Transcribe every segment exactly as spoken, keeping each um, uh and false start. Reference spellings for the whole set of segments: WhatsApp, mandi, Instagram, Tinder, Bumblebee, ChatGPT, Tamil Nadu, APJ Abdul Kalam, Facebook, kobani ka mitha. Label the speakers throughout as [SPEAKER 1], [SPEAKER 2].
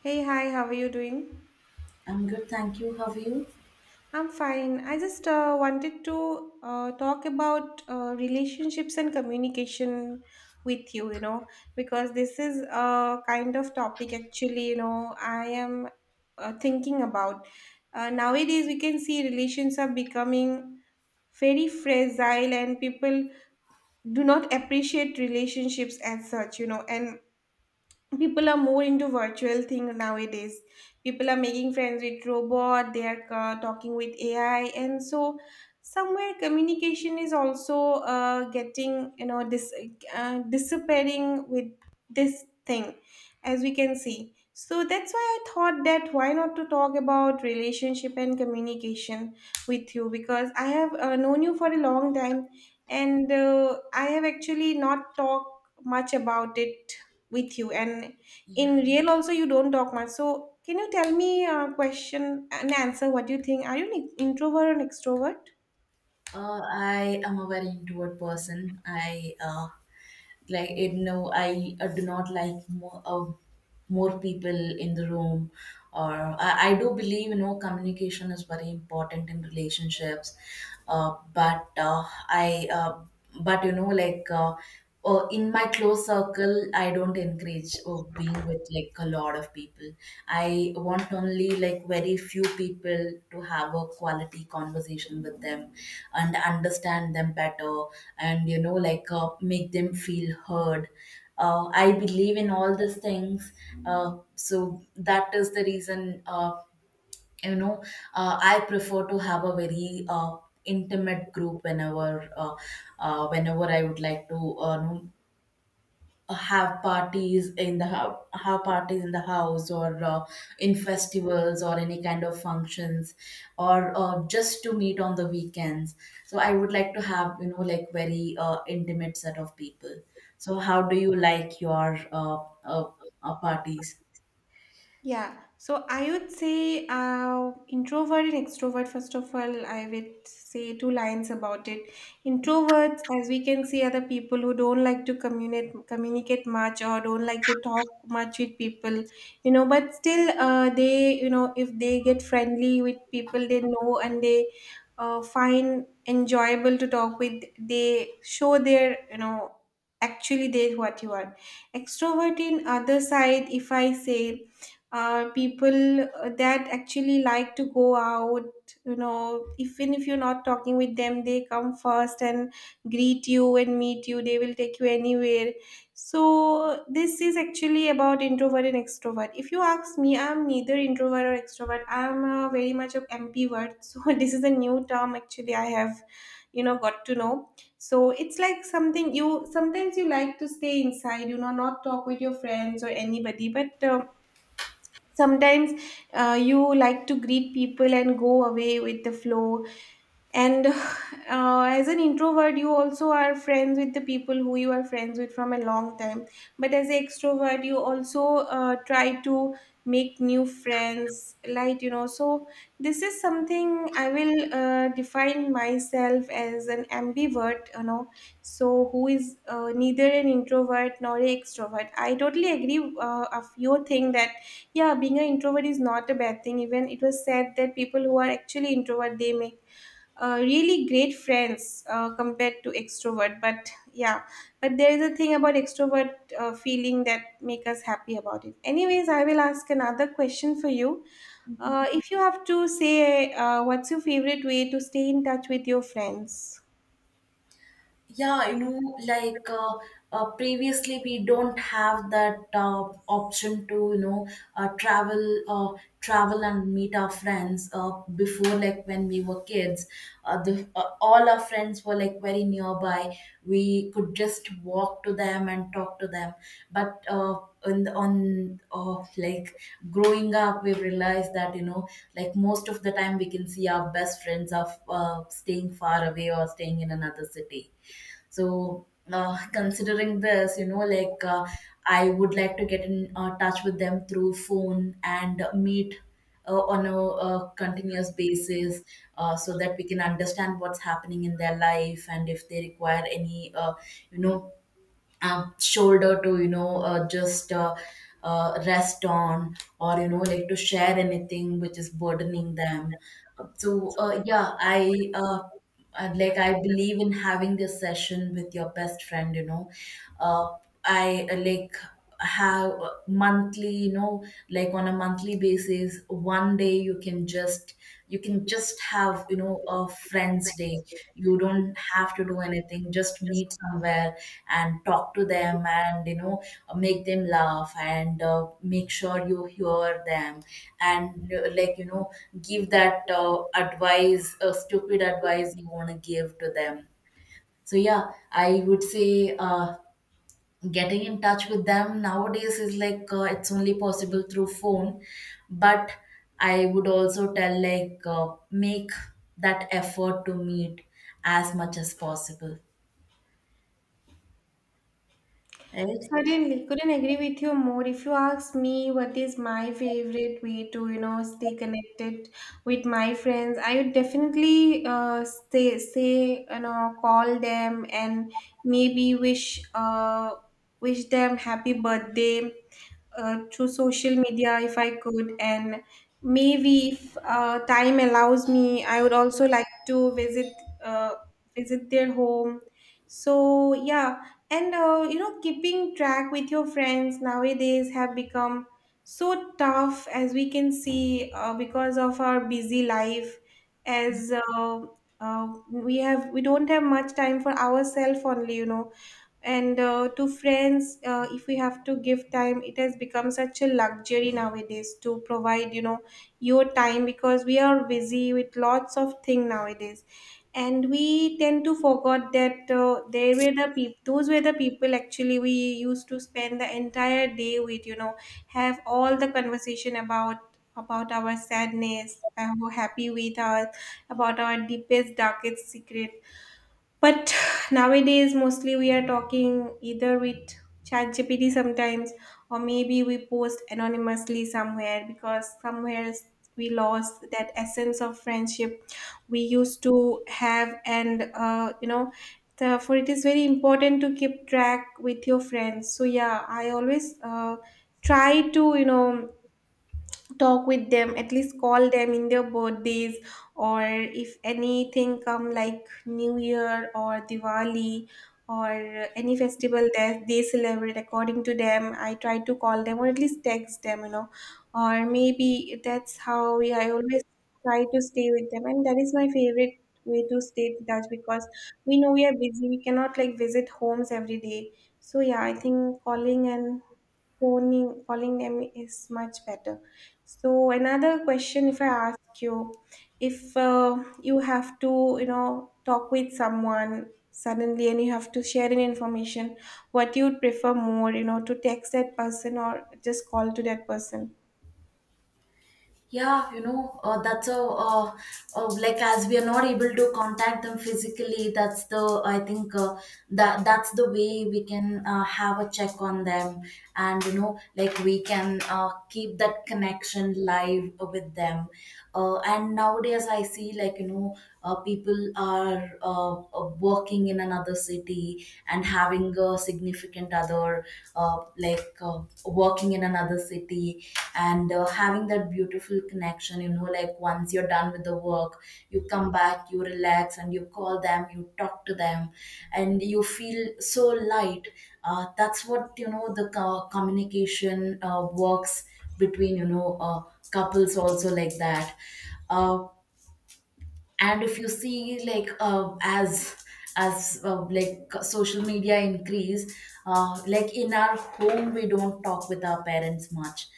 [SPEAKER 1] Hey, hi, how are you doing?
[SPEAKER 2] I'm good, thank you. How are you?
[SPEAKER 1] I'm fine. I just uh, wanted to uh, talk about uh, relationships and communication with you, you know, because this is a kind of topic actually, you know, I am uh, thinking about. Uh, nowadays, we can see relations are becoming very fragile and people do not appreciate relationships as such, you know, and people are more into virtual thing nowadays. People are making friends with robot. They are uh, talking with AI, and so somewhere communication is also uh, getting you know dis- uh, disappearing with this thing, as we can see. So that's why I thought, that why not to talk about relationship and communication with you, because I have uh, known you for a long time, and uh, I have actually not talked much about it with you. And in
[SPEAKER 2] Yeah.
[SPEAKER 1] real also, you don't talk much. So can you tell me a question and answer, what you think? Are you an introvert or an extrovert?
[SPEAKER 2] Uh, I am a very introvert person. I uh, like it. No, I uh, do not like more uh, more people in the room. Or I, I do believe you know communication is very important in relationships. Uh, but uh, I uh, but you know like uh, uh, In my close circle, I don't encourage uh, being with like a lot of people. I want only like very few people to have a quality conversation with them and understand them better, and you know like, uh, make them feel heard. uh, I believe in all these things. Uh, so that is the reason, uh, you know, uh, I prefer to have a very uh, intimate group whenever uh, uh, whenever I would like to uh, know, have parties in the hou- have parties in the house or uh, in festivals or any kind of functions or uh, just to meet on the weekends. So I would like to have, you know, like very uh, intimate set of people. So how do you like your uh, uh, uh, parties?
[SPEAKER 1] Yeah, so I would say uh, introvert and extrovert. First of all, I would say two lines about it. Introverts, as we can see, are the people who don't like to communicate communicate much or don't like to talk much with people, you know. But still, uh, they, you know, if they get friendly with people they know and they uh, find enjoyable to talk with, they show their, you know, actually they what you are. Extrovert in other side, if I say uh, people uh, that actually like to go out, you know, even if you're not talking with them, they come first and greet you and meet you, they will take you anywhere. So this is actually about introvert and extrovert. If you ask me, I'm neither introvert or extrovert. I'm uh, very much of ambivert. So this is a new term actually I have, you know, got to know. So it's like something, you sometimes you like to stay inside, you know, not talk with your friends or anybody, but um, sometimes uh, you like to greet people and go away with the flow. And uh, as an introvert you also are friends with the people who you are friends with from a long time, but as an extrovert you also uh, try to make new friends, like, you know. So this is something I will uh, define myself as, an ambivert, you know, so who is uh, neither an introvert nor an extrovert. I totally agree, uh, of your thing that yeah, being an introvert is not a bad thing. Even it was said that people who are actually introvert they make uh, really great friends uh, compared to extrovert, but yeah. But there is a thing about extrovert uh, feeling that make us happy about it. Anyways, I will ask another question for you. Uh, if you have to say, uh, what's your favorite way to stay in touch with your friends?
[SPEAKER 2] Yeah, you know, like uh, uh, previously we don't have that uh, option to, you know, uh, travel, uh, travel and meet our friends. Uh, before, like when we were kids, uh, the uh, all our friends were like very nearby. We could just walk to them and talk to them. But uh, on the- on uh, like growing up, we realized that, you know, like most of the time we can see our best friends are uh, staying far away or staying in another city. So, uh, considering this, you know, like uh, I would like to get in uh, touch with them through phone and meet uh, on a uh, continuous basis, uh, so that we can understand what's happening in their life, and if they require any, uh, you know, uh, shoulder to, you know, uh, just uh, uh, rest on, or you know, like to share anything which is burdening them. Uh, so uh, yeah, i uh, I'd like, I believe in having this session with your best friend, you know. Uh, I uh, Like have uh, monthly, you know, like on a monthly basis, one day you can just, you can just have, you know, a friends day. You don't have to do anything, just meet somewhere and talk to them, and you know, make them laugh, and uh, make sure you hear them and uh, like, you know, give that uh, advice, uh, stupid advice you want to give to them. So yeah, I would say, uh, getting in touch with them nowadays is like, uh, it's only possible through phone, but I would also tell, like, uh, make that effort to meet as much as possible, right?
[SPEAKER 1] Certainly, couldn't agree with you more. If you ask me what is my favorite way to, you know, stay connected with my friends, I would definitely uh, stay, say, you know, call them and maybe wish, uh, wish them happy birthday uh, through social media if I could. And maybe if uh, time allows me, I would also like to visit, uh, visit their home. So yeah. And uh, you know, keeping track with your friends nowadays have become so tough, as we can see, uh, because of our busy life. As uh, uh, we have, we don't have much time for ourselves only, you know. And uh, to friends, uh, if we have to give time, it has become such a luxury nowadays to provide, you know, your time, because we are busy with lots of thing nowadays, and we tend to forget that uh, they were the people those were the people actually we used to spend the entire day with, you know, have all the conversation about about our sadness, how happy we are, about our deepest darkest secret. But nowadays, mostly we are talking either with ChatGPT sometimes, or maybe we post anonymously somewhere, because somewhere we lost that essence of friendship we used to have. And, uh, you know, therefore it is very important to keep track with your friends. So, yeah, I always uh, try to, you know, talk with them, at least call them in their birthdays, or if anything come like new year or diwali or any festival that they celebrate according to them, I try to call them or at least text them, you know, or maybe that's how. Yeah, I always try to stay with them, and that is my favorite way to stay in touch, because we know we are busy, we cannot like visit homes every day. So yeah, I think calling and phoning calling them is much better. So another question, if I ask you, if uh, you have to, you know, talk with someone suddenly and you have to share an information, what you would prefer more, you know, to text that person or just call to that person?
[SPEAKER 2] Yeah, you know, uh, that's a, uh, uh, like, as we are not able to contact them physically, that's the, I think, uh, that that's the way we can uh, have a check on them. And, you know, like we can uh, keep that connection live with them. Uh, and nowadays I see, like, you know, uh, people are uh, uh, working in another city and having a a significant other, uh, like uh, working in another city, and uh, having that beautiful connection, you know, like once you're done with the work, you come back, you relax, and you call them, you talk to them, and you feel so light. Uh, that's what, you know, the co- communication uh, works between, you know, uh, couples also, like that. Uh, and if you see, like, uh, as as uh, like, social media increase, uh, like in our home we don't talk with our parents much,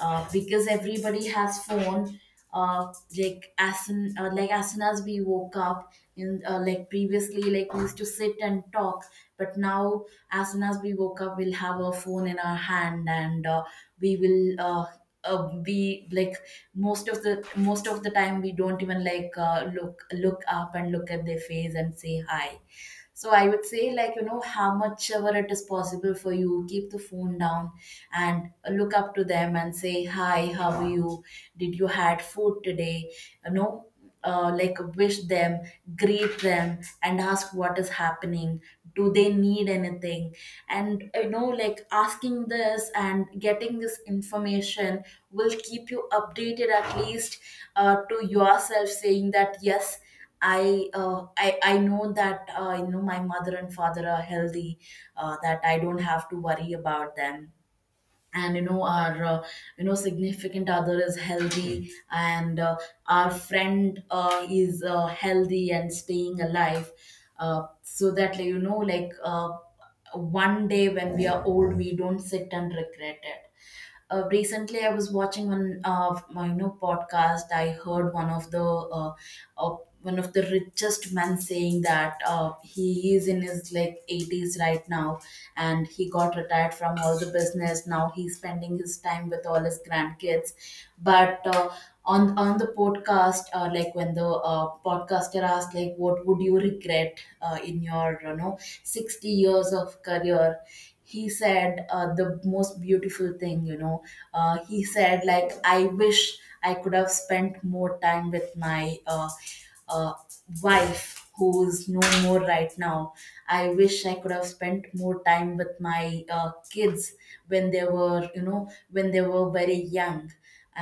[SPEAKER 2] uh, because everybody has phone. uh, like as soon uh, like, as soon as we woke up in, uh, like, previously, like, we used to sit and talk, but now, as soon as we woke up, we'll have our phone in our hand, and uh, we will uh, uh, we like most of the most of the time we don't even like uh, look look up and look at their face and say hi. So I would say, like, you know, how much ever it is possible for you, keep the phone down and look up to them and say hi, how are you, did you had food today? You know, uh, like, wish them, greet them, and ask what is happening, do they need anything. And you know, like, asking this and getting this information will keep you updated at least, uh, to yourself, saying that yes, I, uh, I I know that, uh, you know, my mother and father are healthy, uh, that I don't have to worry about them, and you know, our, uh, you know, significant other is healthy, and uh, our friend uh, is uh, healthy and staying alive, uh, so that, like, you know, like uh, one day when we are old, we don't sit and regret it. Uh, recently, I was watching one of my, you know, podcast. I heard one of the, uh, uh, one of the richest men saying that, uh, he is in his like eighties right now, and he got retired from all the business. Now he's spending his time with all his grandkids, but. Uh, on, on the podcast, uh, like when the uh, podcaster asked, like, what would you regret uh, in your, you know, sixty years of career? He said, uh, the most beautiful thing, you know, uh, he said, like, I wish I could have spent more time with my, uh, uh, wife, who is no more right now. I wish I could have spent more time with my uh, kids when they were, you know, when they were very young,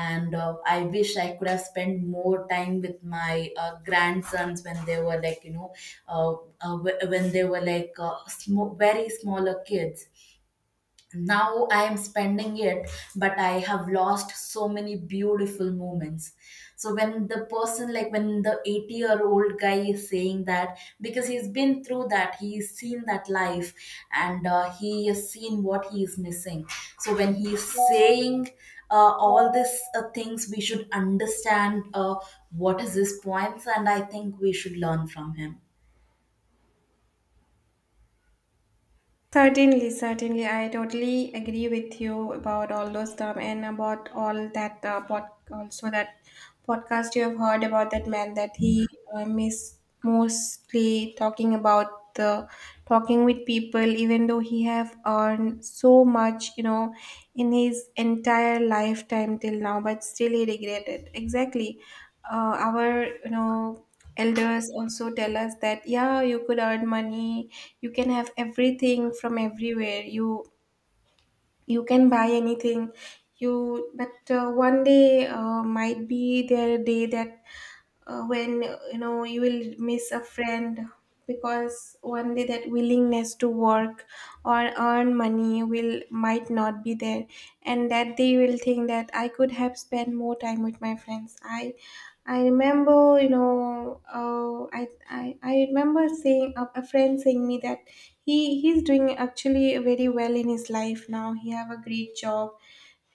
[SPEAKER 2] and uh, I wish I could have spent more time with my uh, grandsons when they were, like, you know, uh, uh, wh- when they were like uh, sm- very smaller kids. Now I am spending it, but I have lost so many beautiful moments. So when the person, like when the eighty year old guy is saying that, because he's been through that, he's seen that life, and uh, he has seen what he is missing. So when he's saying uh, all these uh, things, we should understand uh, what is his points, and I think we should learn from him.
[SPEAKER 1] Certainly, certainly. I totally agree with you about all those stuff and about all that uh, pod- also that podcast you have heard about, that man that he um, is mostly talking about the talking with people, even though he have earned so much, you know, in his entire lifetime till now, but still he regretted exactly. uh, our, you know, elders also tell us that, yeah, you could earn money, you can have everything from everywhere, you you can buy anything, you. But uh, one day uh, might be their day that uh, when you know you will miss a friend, because one day that willingness to work or earn money will might not be there, and that they will think that I could have spent more time with my friends. I i remember, you know, uh, I, I i remember saying, a, a friend saying me that he he's doing actually very well in his life. Now he have a great job,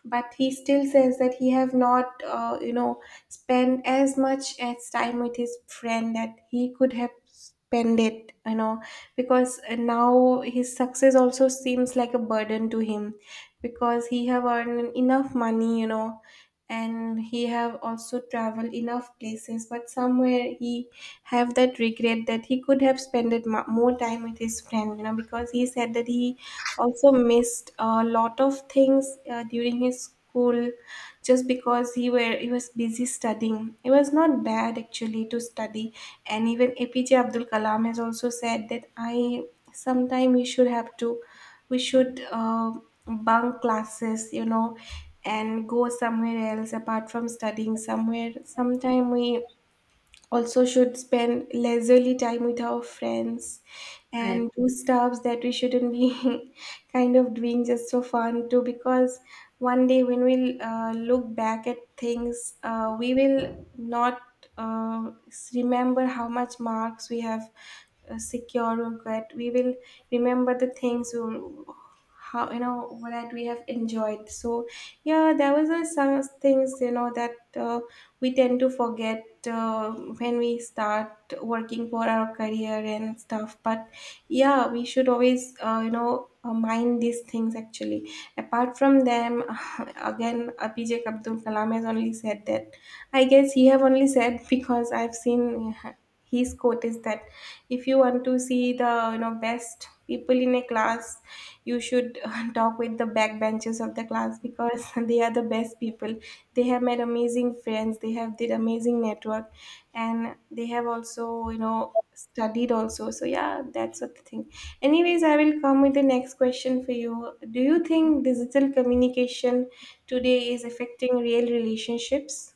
[SPEAKER 1] but he still says that he have not, uh, you know, spent as much as time with his friend that he could have spent it, you know, because uh, now his success also seems like a burden to him, because he have earned enough money, you know, and he have also traveled enough places. But somewhere he have that regret that he could have spent it mo- more time with his friend, you know, because he said that he also missed a lot of things uh, during his school, just because he were he was busy studying. It was not bad actually to study, and even A P J Abdul Kalam has also said that, I sometime we should have to we should uh, bunk classes, you know, and go somewhere else apart from studying somewhere. Sometime we also should spend leisurely time with our friends
[SPEAKER 2] I.
[SPEAKER 1] and do stuffs that we shouldn't be kind of doing, just for fun too. Because one day when we'll uh, look back at things, uh, we will not uh, remember how much marks we have uh, secured or got, we will remember the things we were- how, you know, that we have enjoyed. So yeah, there was a, some things, you know, that uh, we tend to forget uh, when we start working for our career and stuff, but yeah, we should always uh, you know uh, mind these things actually, apart from them. Again, APJ Abdul Kalam has only said that, I guess he have only said, because I've seen, his quote is that if you want to see the, you know, best people in a class, you should talk with the backbenchers of the class, because they are the best people. They have made amazing friends, they have did amazing network, and they have also, you know, studied also. So yeah, that's what the thing. Anyways, I will come with the next question for you. Do you think digital communication today is affecting real relationships?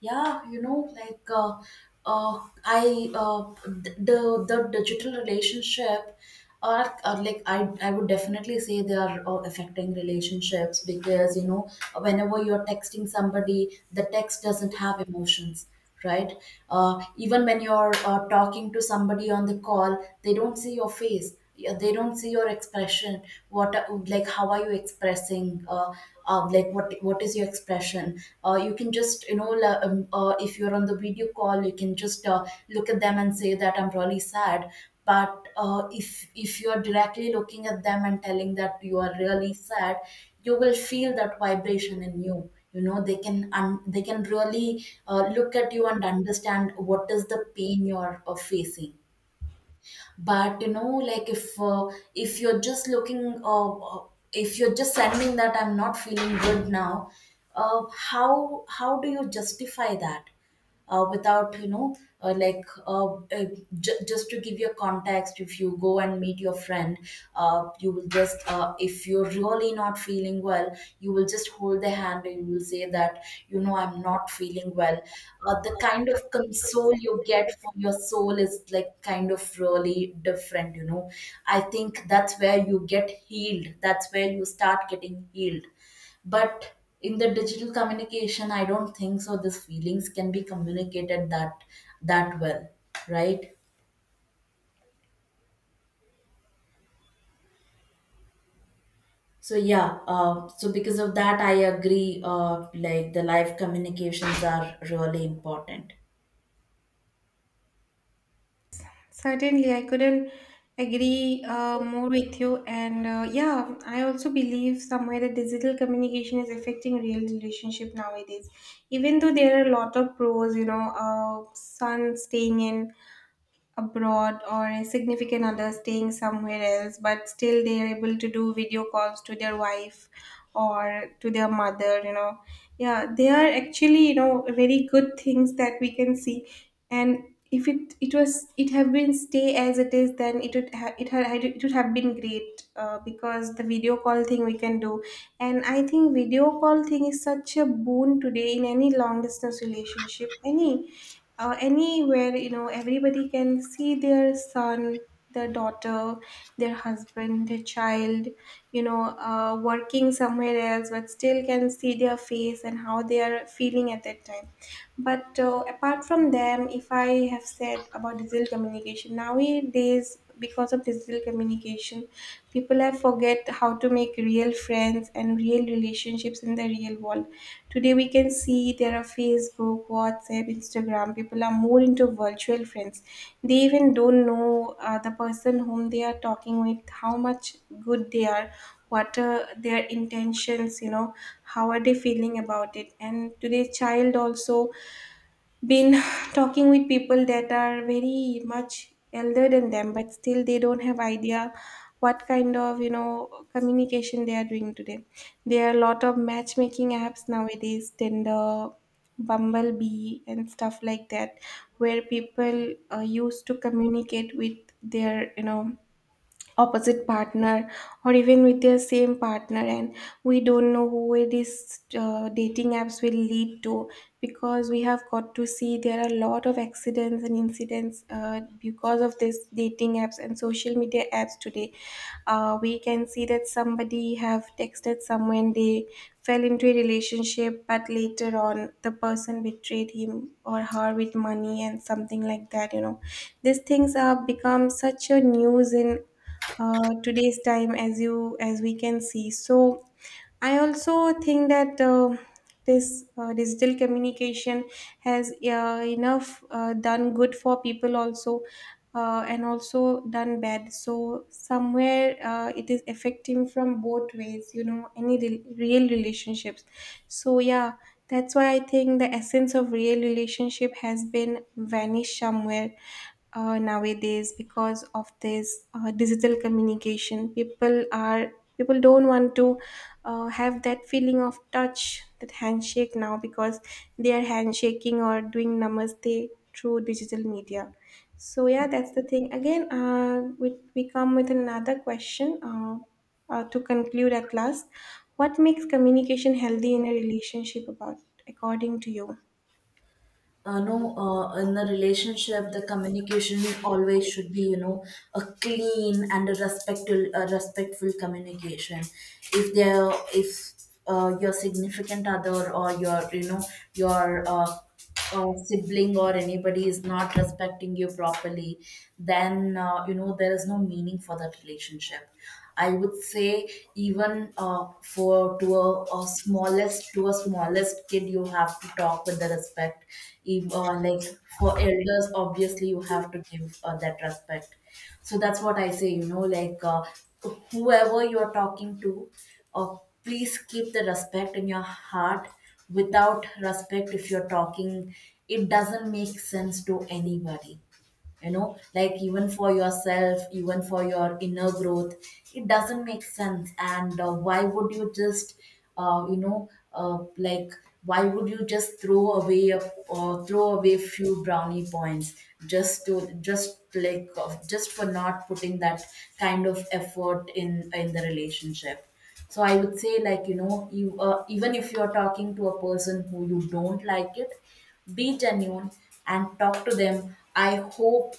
[SPEAKER 2] Yeah, you know, like uh, uh, I uh, th- the the digital relationship are, are like, I I would definitely say they are uh, affecting relationships, because you know, whenever you're texting somebody, the text doesn't have emotions, right? Uh, even when you're uh, talking to somebody on the call, they don't see your face. Yeah, they don't see your expression. What are- like, how are you expressing? Uh, um, like, what what is your expression? Uh, you can just, you know, la- um, uh, if you're on the video call, you can just uh, look at them and say that I'm really sad. But uh, if if you're directly looking at them and telling that you are really sad, you will feel that vibration in you, you know, they can un- they can really uh, look at you and understand what is the pain you're uh, facing. But you know, like, if uh, if you're just looking, uh, uh, if you're just sending that I'm not feeling good now, uh, how how do you justify that, uh, without, you know, uh, like uh, uh, j- just to give you a context, if you go and meet your friend, uh, you will just uh, if you're really not feeling well, you will just hold their hand and you will say that, you know, I'm not feeling well. Uh, the kind of console you get from your soul is like, kind of really different, you know. I think that's where you get healed, that's where you start getting healed. But in the digital communication, I don't think so these feelings can be communicated that that well, right? So yeah, uh, so because of that, I agree. Uh, like, the live communications are really important.
[SPEAKER 1] Certainly, I couldn't agree uh, more with you. And uh, yeah, I also believe somewhere that digital communication is affecting real relationship nowadays. Even though there are a lot of pros, you know, uh, son staying in abroad, or a significant other staying somewhere else, but still they are able to do video calls to their wife or to their mother, you know. Yeah, they are actually, you know, very good things that we can see. And if it it was it have been stay as it is, then it would ha- it, ha- it would have been great uh, because the video call thing we can do, and I think video call thing is such a boon today in any long distance relationship, any uh, anywhere, you know, everybody can see their son, their daughter, their husband, their child, you know, uh, working somewhere else but still can see their face and how they are feeling at that time. But uh, apart from them, if I have said about digital communication, nowadays, because of digital communication, people have forget how to make real friends and real relationships in the real world. Today, we can see there are Facebook, WhatsApp, Instagram. People are more into virtual friends. They even don't know uh, the person whom they are talking with, how much good they are, what are their intentions, you know, how are they feeling about it. And today child also been talking with people that are very much elder than them, but still they don't have idea what kind of, you know, communication they are doing today. There are a lot of matchmaking apps nowadays, Tinder, Bumblebee and stuff like that, where people uh, used to communicate with their, you know, opposite partner or even with their same partner. And we don't know who it is uh, dating apps will lead to, because we have got to see there are a lot of accidents and incidents uh, because of this dating apps and social media apps today. Uh, we can see that somebody have texted someone, they fell into a relationship, but later on the person betrayed him or her with money and something like that, you know. These things have become such a news in uh, today's time, as you as we can see. So I also think that uh, this uh, digital communication has uh, enough uh, done good for people also, uh, and also done bad. So somewhere uh, it is affecting from both ways, you know, any re- real relationships. So yeah, that's why I think the essence of real relationship has been vanished somewhere uh, nowadays because of this uh, digital communication. People are people don't want to uh, have that feeling of touch, that handshake now, because they are handshaking or doing namaste through digital media. So yeah, that's the thing. Again, uh, we, we come with another question, uh, uh, to conclude at last, what makes communication healthy in a relationship about, according to you?
[SPEAKER 2] Uh, no, uh, In the relationship, the communication always should be, you know, a clean and a respectful, a respectful communication. If there, if uh, your significant other or your, you know, your uh, uh, sibling or anybody is not respecting you properly, then uh, you know, there is no meaning for that relationship. I would say, even uh, for, to a, a smallest, to a smallest kid, you have to talk with the respect. Even, uh, like, for elders, obviously you have to give uh, that respect. So that's what I say. You know, like uh, whoever you are talking to, uh, please keep the respect in your heart. Without respect, if you're talking, it doesn't make sense to anybody, you know like even for yourself, even for your inner growth. It doesn't make sense. And uh, why would you just uh, you know uh, like why would you just throw away a, or throw away few brownie points just to just like uh, just for not putting that kind of effort in in the relationship. So I would say, like, you know, you— uh, even if you're talking to a person who you don't like it, be genuine and talk to them. I hope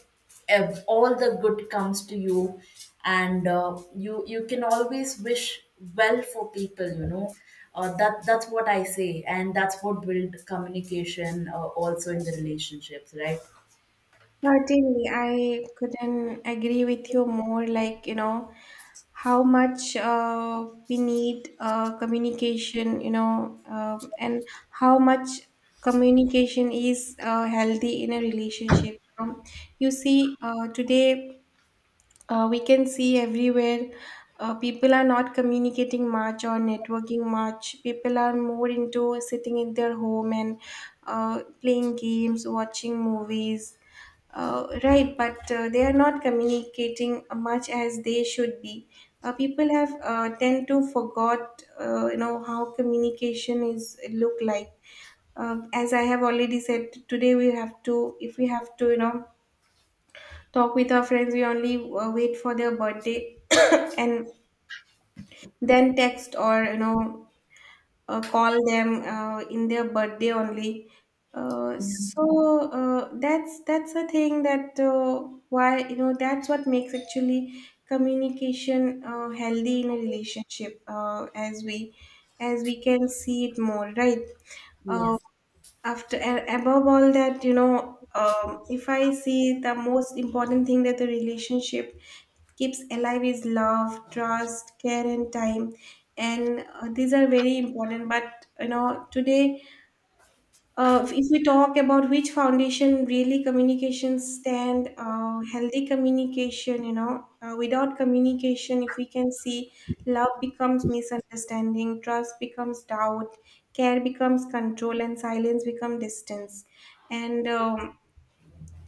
[SPEAKER 2] ev- all the good comes to you, and uh, you you can always wish well for people. You know, uh, that that's what I say, and that's what build communication, uh, also in the relationships, right?
[SPEAKER 1] Certainly, I couldn't agree with you more. Like, you know, how much uh, we need uh, communication, you know, um, and how much communication is uh, healthy in a relationship. Um, you see, uh, today uh, we can see everywhere uh, people are not communicating much or networking much. People are more into sitting in their home and uh, playing games, watching movies. Uh, right, but uh, they are not communicating much as they should be. Uh, people have uh, tend to forgot, uh, you know, how communication is look like. Uh, as I have already said, today we have to, if we have to, you know, talk with our friends, we only uh, wait for their birthday and then text, or you know, uh, call them uh, in their birthday only. uh,
[SPEAKER 2] Yeah.
[SPEAKER 1] so uh, that's that's a thing that uh, why, you know, that's what makes actually communication uh, healthy in a relationship, uh, as we as we can see it more, right? uh,
[SPEAKER 2] Yes.
[SPEAKER 1] After and above all that, you know, um, if I see the most important thing that the relationship keeps alive is love, trust, care and time. And uh, these are very important, but you know, today uh, if we talk about which foundation really communication stand, uh, healthy communication, you know, uh, without communication, if we can see, love becomes misunderstanding, trust becomes doubt, care becomes control, and silence becomes distance. And um,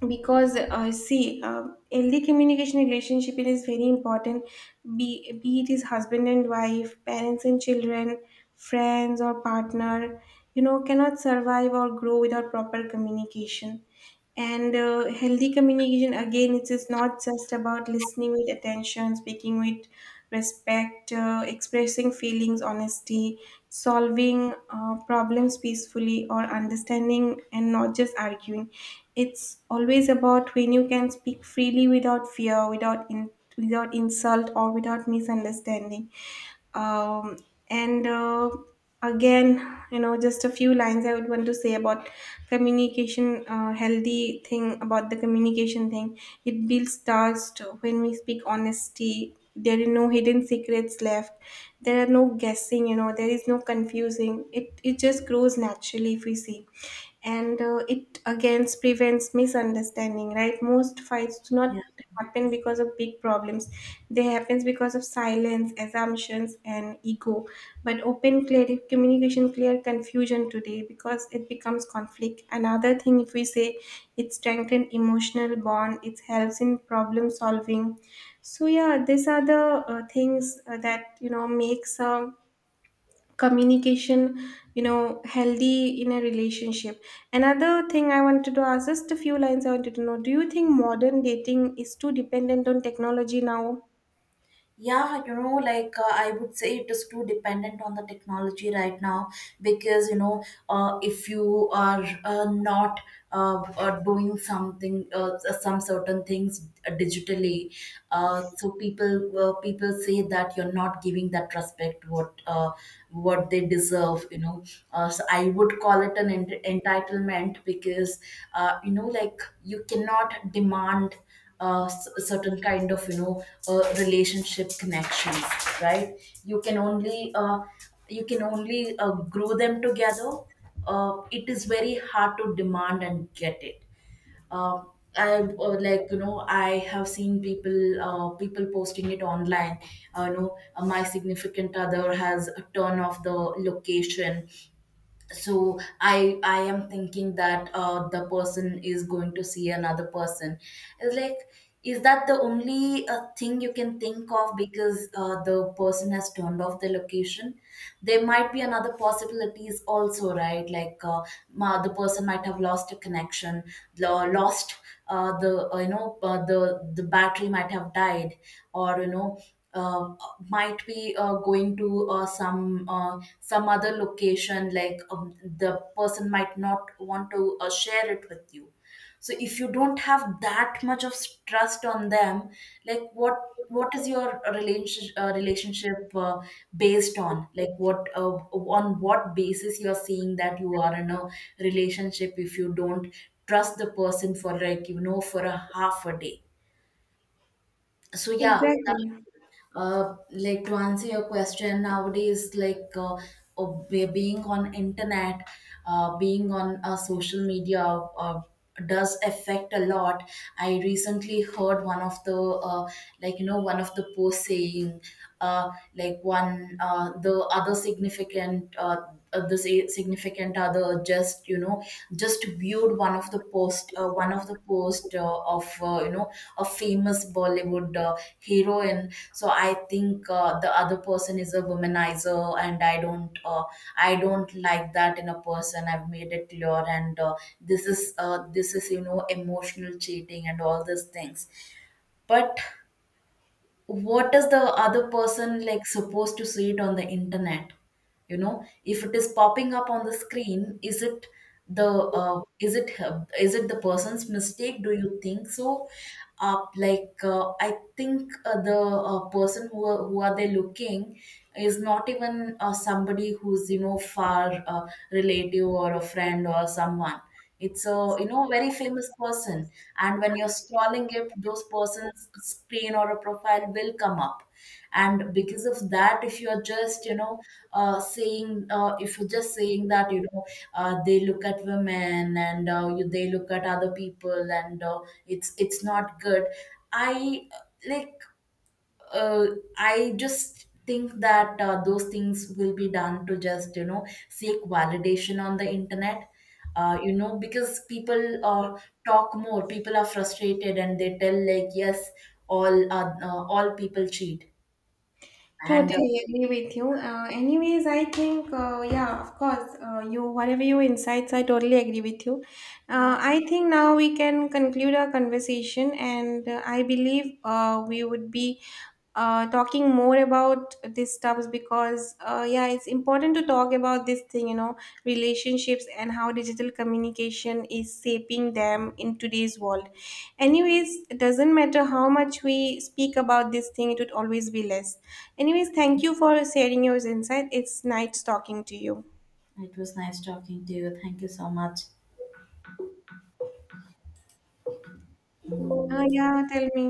[SPEAKER 1] because uh, see, uh, healthy communication relationship, it is very important, be, be it is husband and wife, parents and children, friends or partner, you know, cannot survive or grow without proper communication. And uh, healthy communication, again, it is not just about listening with attention, speaking with respect, uh, expressing feelings, honesty, solving uh, problems peacefully, or understanding and not just arguing. It's always about when you can speak freely without fear, without in, without insult, or without misunderstanding. Um, and uh, again, you know, just a few lines I would want to say about communication, uh, healthy thing about the communication thing. It builds trust. When we speak honesty, there are no hidden secrets left, there are no guessing, you know, there is no confusing, it it just grows naturally, if we see. And uh, it again prevents misunderstanding, right? Most fights do not happen because of big problems. They happens because of silence, assumptions, and ego. But open clear communication clear confusion today because it becomes conflict. Another thing, if we say, it strengthens emotional bond, it helps in problem solving. So yeah, these are the uh, things uh, that, you know, makes a communication, you know, healthy in a relationship. Another thing I wanted to ask, just a few lines I wanted to know, do you think modern dating is too dependent on technology now?
[SPEAKER 2] Yeah, you know, like uh, I would say it is too dependent on the technology right now because, you know, uh, if you are uh, not uh, uh, doing something, uh, s- some certain things, uh, digitally, uh, so people uh, people say that you're not giving that respect what uh, what they deserve, you know. Uh, so I would call it an ent- entitlement because, uh, you know, like you cannot demand uh, s- certain kind of, you know, uh, relationship connections, right? You can only uh, you can only uh, grow them together. Uh, it is very hard to demand and get it. um, I, uh, like you know I have seen people, uh, people posting it online. Uh, you know, uh, my significant other has turned off the location, so i i am thinking that uh, the person is going to see another person. It's like, is that the only uh, thing you can think of because uh, the person has turned off the location? There might be another possibilities also, right? Like, uh, ma- the person might have lost a connection, lo- lost uh, the uh, you know uh, the the battery might have died. Or, you know, uh, might be uh, going to uh, some uh, some other location. Like, um, the person might not want to uh, share it with you. So if you don't have that much of s- trust on them, like what what is your relationship, uh, relationship uh, based on? Like, what, uh, on what basis you're seeing that you are in a relationship, if you don't trust the person for, like you know for a half a day? So yeah.
[SPEAKER 1] Exactly.
[SPEAKER 2] Uh, like to answer your question, nowadays, like uh, oh, be- being on internet, uh, being on uh, social media, uh, does affect a lot. I recently heard one of the uh, like you know one of the posts saying, uh, like, one, uh, the other significant uh, uh, the si- significant other just, you know, just viewed one of the post, uh, one of the post uh, of, uh, you know a famous Bollywood, uh, heroine. So I think uh, the other person is a womanizer, and I don't, uh, I don't like that in a person. I've made it clear, and uh, this is uh, this is, you know, emotional cheating and all these things. But what is the other person like supposed to see it on the internet? You know, if it is popping up on the screen, is it the uh, is it her- is it the person's mistake, do you think so? uh, like uh, I think uh, the uh, person who are, who are they looking, is not even uh, somebody who's, you know, far, uh, relative or a friend or someone. It's a, you know, very famous person. And when you're scrolling it, those person's screen or a profile will come up. And because of that, if you're just, you know, uh, saying uh, if you're just saying that, you know, uh, they look at women and, uh, you, they look at other people and, uh, it's it's not good. i uh, like uh, I just think that uh, those things will be done to just, you know, seek validation on the internet. Uh, you know, because people uh, talk more, people are frustrated, and they tell like, yes, all uh, uh, all people cheat. And uh,
[SPEAKER 1] Totally agree with you. Uh, anyways, I think, uh, yeah, of course, uh, you whatever your insights, I totally agree with you.
[SPEAKER 2] yeah,
[SPEAKER 1] Uh, I think now we can conclude our conversation, and uh, I believe uh, we would be uh, talking more about these stuffs, because uh, uh, yeah, it's important to talk about this thing, you know, relationships and how digital communication is shaping them in today's world. Anyways, it doesn't matter how much we speak about this thing, it would always be less. Anyways, thank you for sharing your insight, it's nice talking to you.
[SPEAKER 2] it was nice talking to you. Thank you so much.
[SPEAKER 1] uh, yeah, tell me.